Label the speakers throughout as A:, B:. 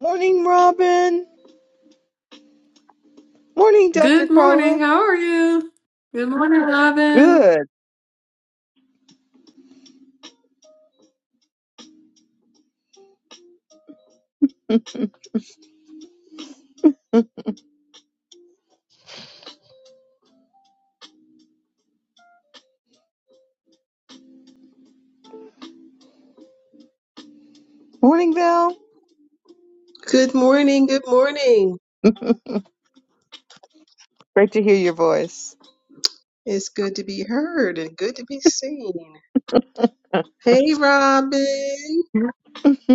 A: Morning, Robin. Morning, Dr.
B: Good morning.
A: Carla.
B: How are you? Good morning, Robin.
A: Good. Morning, Val.
C: Good morning, good morning.
A: Great to hear your voice.
C: It's good to be heard and good to be seen. Hey, Robin.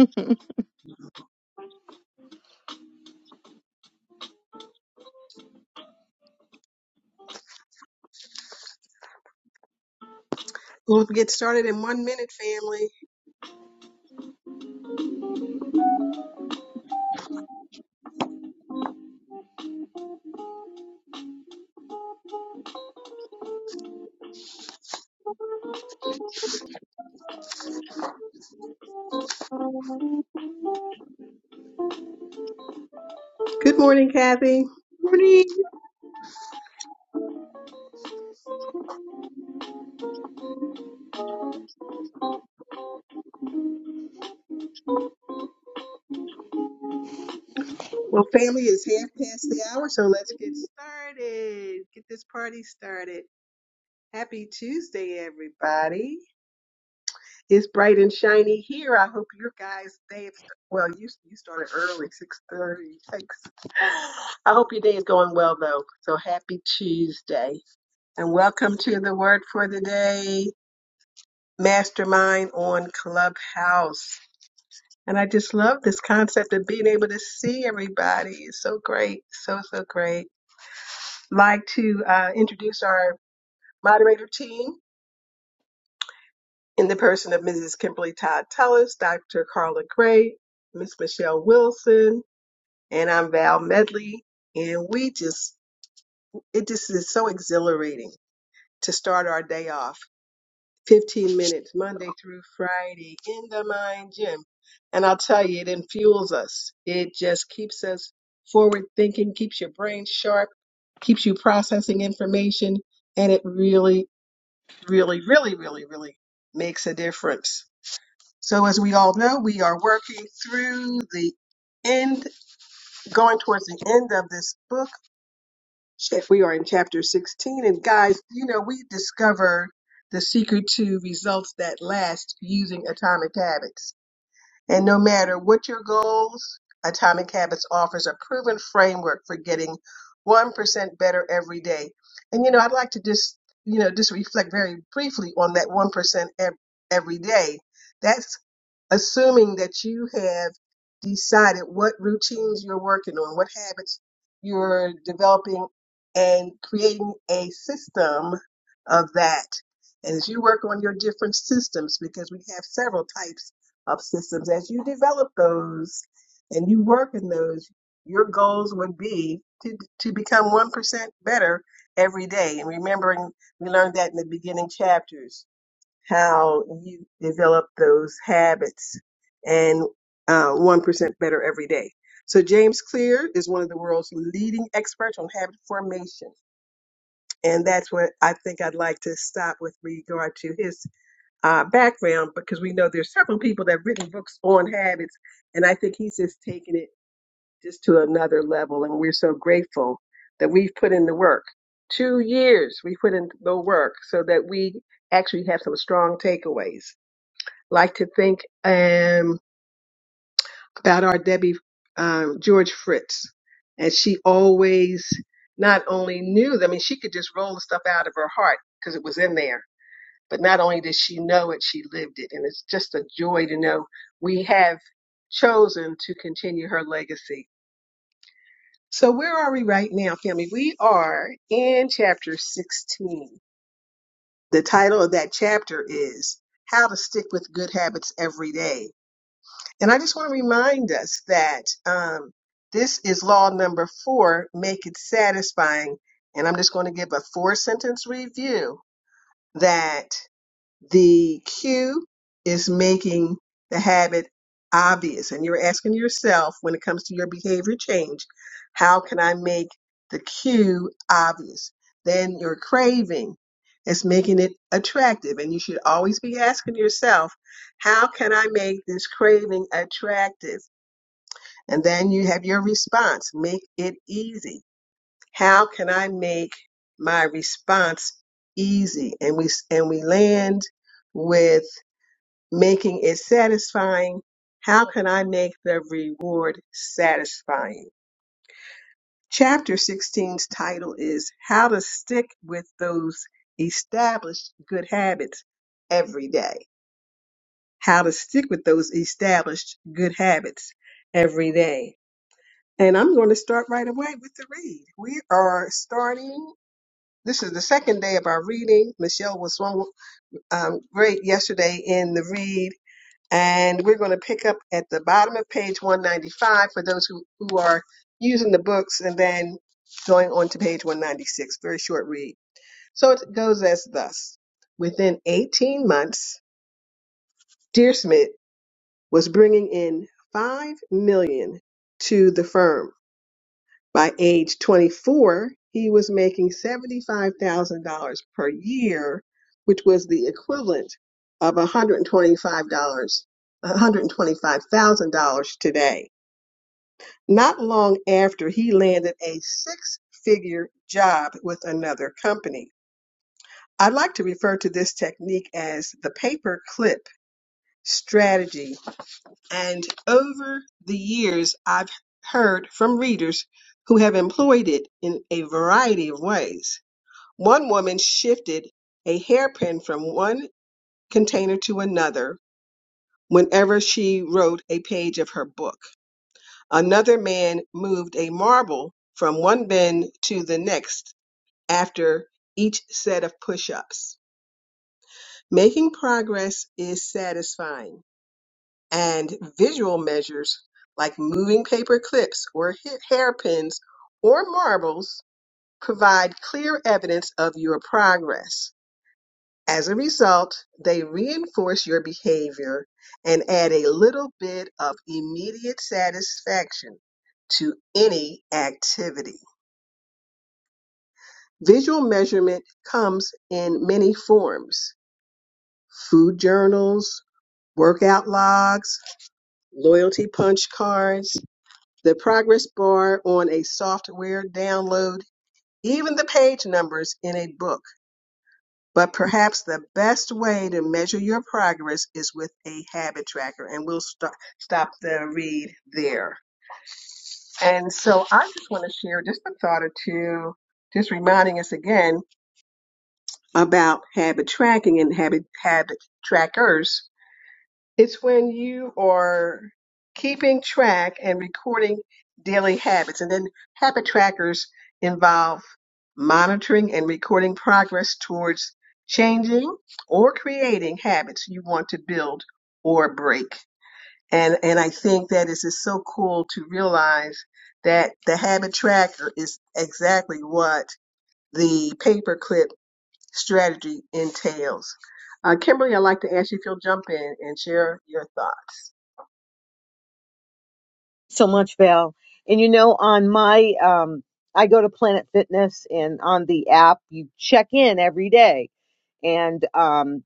C: We'll get started in one minute, family. Good morning, Kathy.
A: morning.
C: Well, family, it's half past the hour, so let's get started. Get this party started. Happy Tuesday, everybody. It's bright and shiny here. I hope your guys' day, is- well, you, you started early, 6.30, Thanks. I hope your day is going well, though. So happy Tuesday. and welcome to the Word for the Day Mastermind on Clubhouse. And I just love this concept of being able to see everybody. It's so great, so, so great. Like to uh, introduce our moderator team in the person of Mrs. Kimberly Todd Tellis, Dr. Carla Gray, Miss Michelle Wilson, and I'm Val Medley. And we just, it just is so exhilarating to start our day off 15 minutes Monday through Friday in the mind gym. And I'll tell you, it infuels us. It just keeps us forward thinking, keeps your brain sharp, keeps you processing information, and it really, really, really, really, really makes a difference. So as we all know, we are working through the end, going towards the end of this book if we are in chapter 16 and guys you know we discovered the secret to results that last using atomic habits and no matter what your goals, Atomic Habits offers a proven framework for getting 1% better every day. And, you know, I'd like to just, you know, just reflect very briefly on that 1% ev- every day. That's assuming that you have decided what routines you're working on, what habits you're developing, and creating a system of that. And as you work on your different systems, because we have several types of systems, as you develop those and you work in those, your goals would be to, to become 1% better every day. And remembering, we learned that in the beginning chapters, how you develop those habits and uh, 1% better every day. So James Clear is one of the world's leading experts on habit formation. And that's what I think I'd like to stop with regard to his uh, background because we know there's several people that have written books on habits, and I think he's just taken it just to another level, and we're so grateful that we've put in the work. Two years we put in the work so that we actually have some strong takeaways. Like to think um, about our Debbie um, George Fritz, and she always not only knew, I mean, she could just roll the stuff out of her heart because it was in there but not only did she know it, she lived it. And it's just a joy to know we have chosen to continue her legacy. So where are we right now, family? We are in chapter 16. The title of that chapter is How to Stick with Good Habits Every Day. And I just want to remind us that um, this is law number four, make it satisfying. And I'm just going to give a four sentence review that The cue is making the habit obvious. And you're asking yourself when it comes to your behavior change, how can I make the cue obvious? Then your craving is making it attractive. And you should always be asking yourself, how can I make this craving attractive? And then you have your response, make it easy. How can I make my response easy? And we, and we land with making it satisfying. How can I make the reward satisfying? Chapter sixteen's title is How to Stick with Those Established Good Habits Every Day. How to Stick with Those Established Good Habits Every Day. And I'm going to start right away with the read. We are starting. This is the second day of our reading. Michelle was one um, great yesterday in the read And we're going to pick up at the bottom of page 195 for those who, who are using the books and then going on to page 196. Very short read. So it goes as thus Within 18 months, Deersmith was bringing in 5 million dollars to the firm. By age 24, he was making $75,000 per year, which was the equivalent of $125, $125,000 today. Not long after, he landed a six figure job with another company. I like to refer to this technique as the paper clip strategy and over the years I've heard from readers who have employed it in a variety of ways. One woman shifted a hairpin from one container to another whenever she wrote a page of her book. Another man moved a marble from one bin to the next after each set of push ups. Making progress is satisfying and visual measures like moving paper clips or ha- hairpins or marbles provide clear evidence of your progress. As a result, they reinforce your behavior and add a little bit of immediate satisfaction to any activity. Visual measurement comes in many forms food journals, workout logs, loyalty punch cards the progress bar on a software download, even the page numbers in a book. But perhaps the best way to measure your progress is with a habit tracker. And we'll st- stop the read there. And so I just want to share just a thought or two, just reminding us again about habit tracking and habit habit trackers It's when you are keeping track and recording daily habits. And then habit trackers involve monitoring and recording progress towards changing or creating habits you want to build or break. And and I think that is just so cool to realize that the habit tracker is exactly what the paperclip strategy entails. Uh, Kimberly, I'd like to ask you if you'll jump in and share your thoughts.
A: So much, Val. And you know, on my, um, I go to Planet Fitness and on the app, you check in every day. And, um,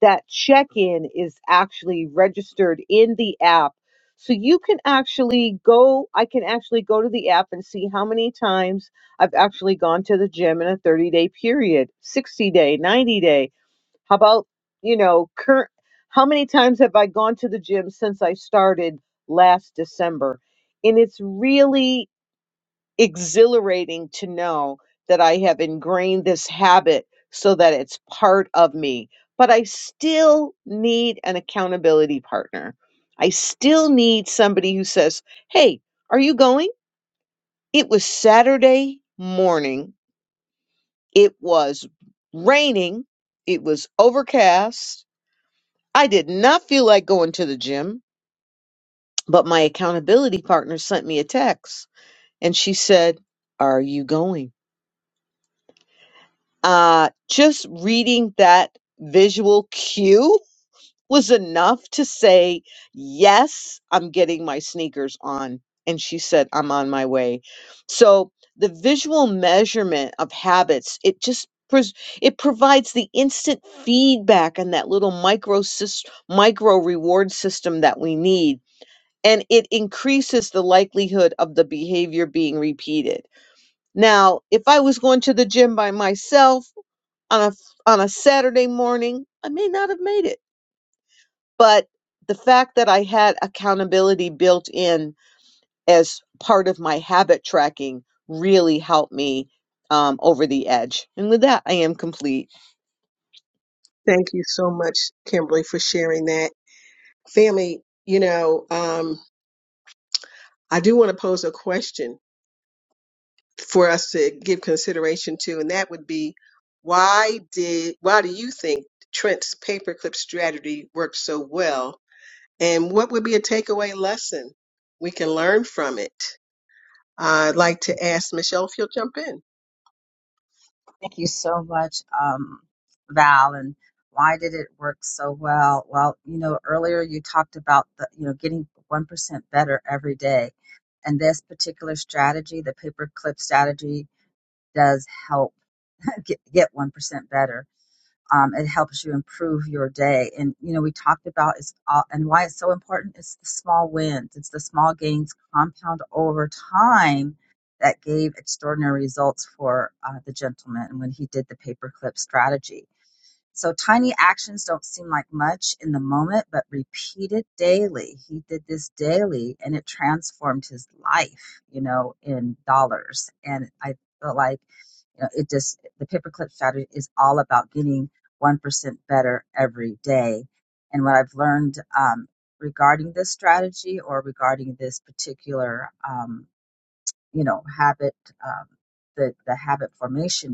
A: that check in is actually registered in the app. So you can actually go, I can actually go to the app and see how many times I've actually gone to the gym in a 30 day period, 60 day, 90 day. How about, you know, current, how many times have I gone to the gym since I started last December? And it's really, exhilarating to know that I have ingrained this habit so that it's part of me. But I still need an accountability partner. I still need somebody who says, Hey, are you going? It was Saturday morning. It was raining. It was overcast. I did not feel like going to the gym, but my accountability partner sent me a text and she said, Are you going? uh, just reading that visual cue was enough to say, Yes, I'm getting my sneakers on. And she said, I'm on my way. So the visual measurement of habits, it just pres- it provides the instant feedback and that little micro sys- micro reward system that we need and it increases the likelihood of the behavior being repeated now if i was going to the gym by myself on a f- on a Saturday morning, I may not have made it. But the fact that I had accountability built in as part of my habit tracking really helped me um, over the edge. And with that, I am complete.
C: Thank you so much, Kimberly, for sharing that. Family, you know, um, I do want to pose a question for us to give consideration to, and that would be why did why do you think Trent's paperclip strategy worked so well And what would be a takeaway lesson we can learn from it? I'd like to ask Michelle if you'll jump in.
D: Thank you so much, um, Val. And why did it work so well? Well, you know, earlier you talked about the, you know, getting 1% better every day. And this particular strategy, the paperclip strategy, does help get, get 1% better um, it helps you improve your day and you know we talked about is all, and why it's so important it's the small wins it's the small gains compound over time that gave extraordinary results for uh, the gentleman when he did the paperclip strategy so tiny actions don't seem like much in the moment, but repeated daily. He did this daily and it transformed his life, you know, in dollars. And I feel like, you know, it just, the paperclip strategy is all about getting 1% better every day. And what I've learned um, regarding this strategy or regarding this particular, um, you know, habit, um, the, the habit formation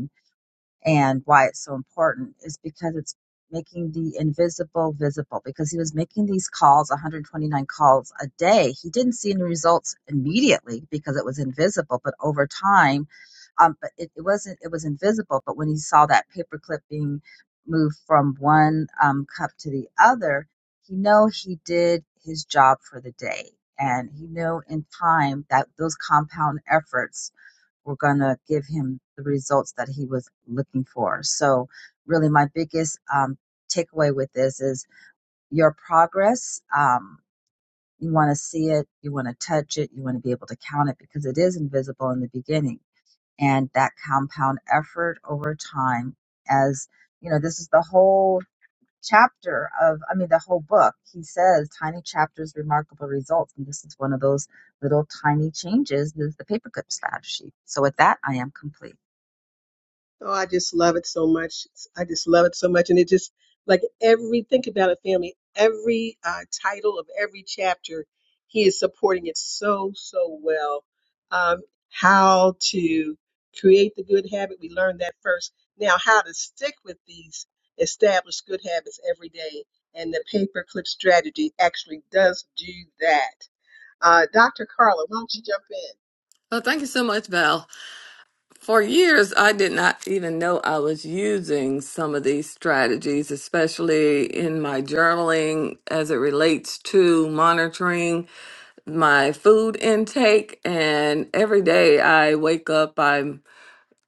D: and why it's so important is because it's making the invisible visible because he was making these calls 129 calls a day he didn't see any results immediately because it was invisible but over time um, but it, it wasn't it was invisible but when he saw that paperclip being moved from one um, cup to the other he know he did his job for the day and he knew in time that those compound efforts were going to give him the results that he was looking for. So, really, my biggest um, takeaway with this is your progress. Um, you want to see it, you want to touch it, you want to be able to count it because it is invisible in the beginning. And that compound effort over time, as you know, this is the whole chapter of, I mean, the whole book. He says tiny chapters, remarkable results. And this is one of those little tiny changes is the paperclip strategy. So, with that, I am complete.
C: Oh, I just love it so much. I just love it so much. And it just like every, think about it, family, every uh, title of every chapter, he is supporting it so, so well. Um, how to create the good habit, we learned that first. Now, how to stick with these established good habits every day. And the paperclip strategy actually does do that. Uh, Dr. Carla, why don't you jump in?
B: Well, thank you so much, Val. For years, I did not even know I was using some of these strategies, especially in my journaling as it relates to monitoring my food intake. And every day I wake up, I'm.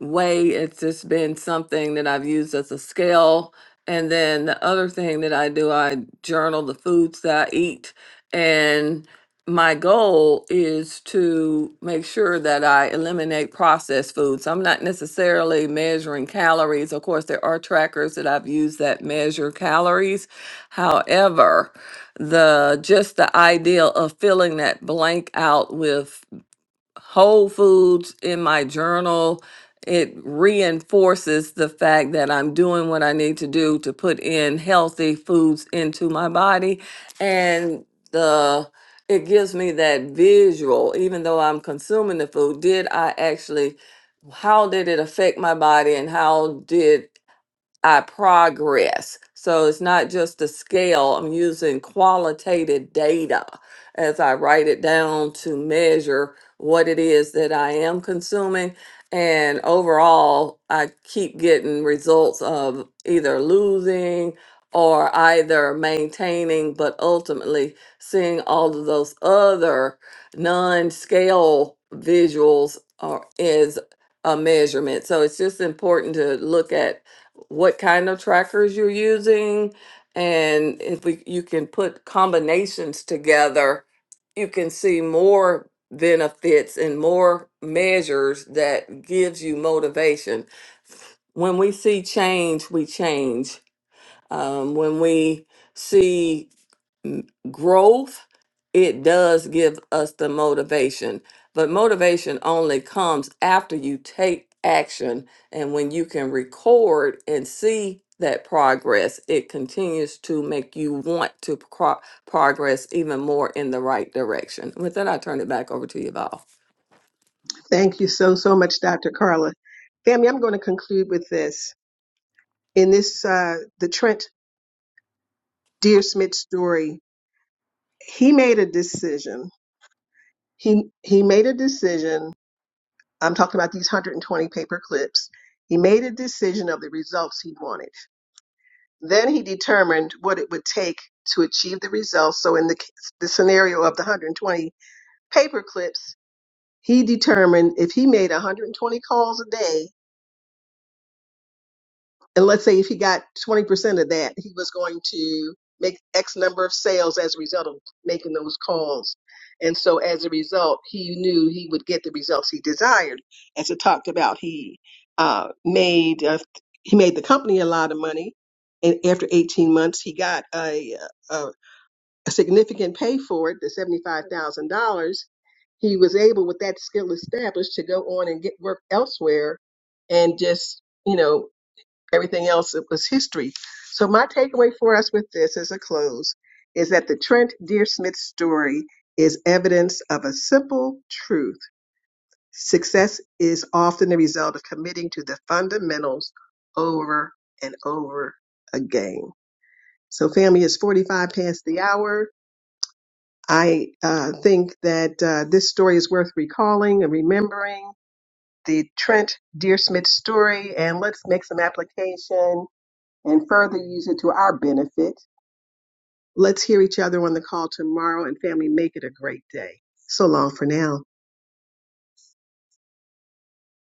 B: way. It's just been something that I've used as a scale. And then the other thing that I do, I journal the foods that I eat. And my goal is to make sure that I eliminate processed foods. I'm not necessarily measuring calories. Of course, there are trackers that I've used that measure calories. However, the just the idea of filling that blank out with whole foods in my journal. It reinforces the fact that I'm doing what I need to do to put in healthy foods into my body. And the it gives me that visual, even though I'm consuming the food, did I actually how did it affect my body and how did I progress. So it's not just the scale, I'm using qualitative data as I write it down to measure what it is that I am consuming. And overall, I keep getting results of either losing or either maintaining, but ultimately seeing all of those other non scale visuals are, is a measurement. So it's just important to look at what kind of trackers you're using and if we, you can put combinations together you can see more benefits and more measures that gives you motivation when we see change we change um, when we see growth, it does give us the motivation. But motivation only comes after you take action. And when you can record and see that progress, it continues to make you want to pro- progress even more in the right direction. With that, I turn it back over to you, Val.
C: Thank you so, so much, Dr. Carla. Family, I'm going to conclude with this. in this uh, the Trent Deersmith story, he made a decision. He he made a decision. I'm talking about these 120 paper clips. He made a decision of the results he wanted. Then he determined what it would take to achieve the results. So in the c- the scenario of the 120 paper clips, he determined if he made 120 calls a day and let's say if he got 20% of that, he was going to make X number of sales as a result of making those calls. And so as a result, he knew he would get the results he desired. As I talked about, he uh, made uh, he made the company a lot of money. And after 18 months, he got a, a, a significant pay for it, the $75,000. He was able, with that skill established, to go on and get work elsewhere and just, you know, everything else was history. So my takeaway for us with this as a close is that the Trent Dear Smith story is evidence of a simple truth. Success is often the result of committing to the fundamentals over and over again. So family is 45 past the hour. I uh, think that uh, this story is worth recalling and remembering the Trent Dear Smith story and let's make some application and further use it to our benefit. Let's hear each other on the call tomorrow and family, make it a great day. So long for now.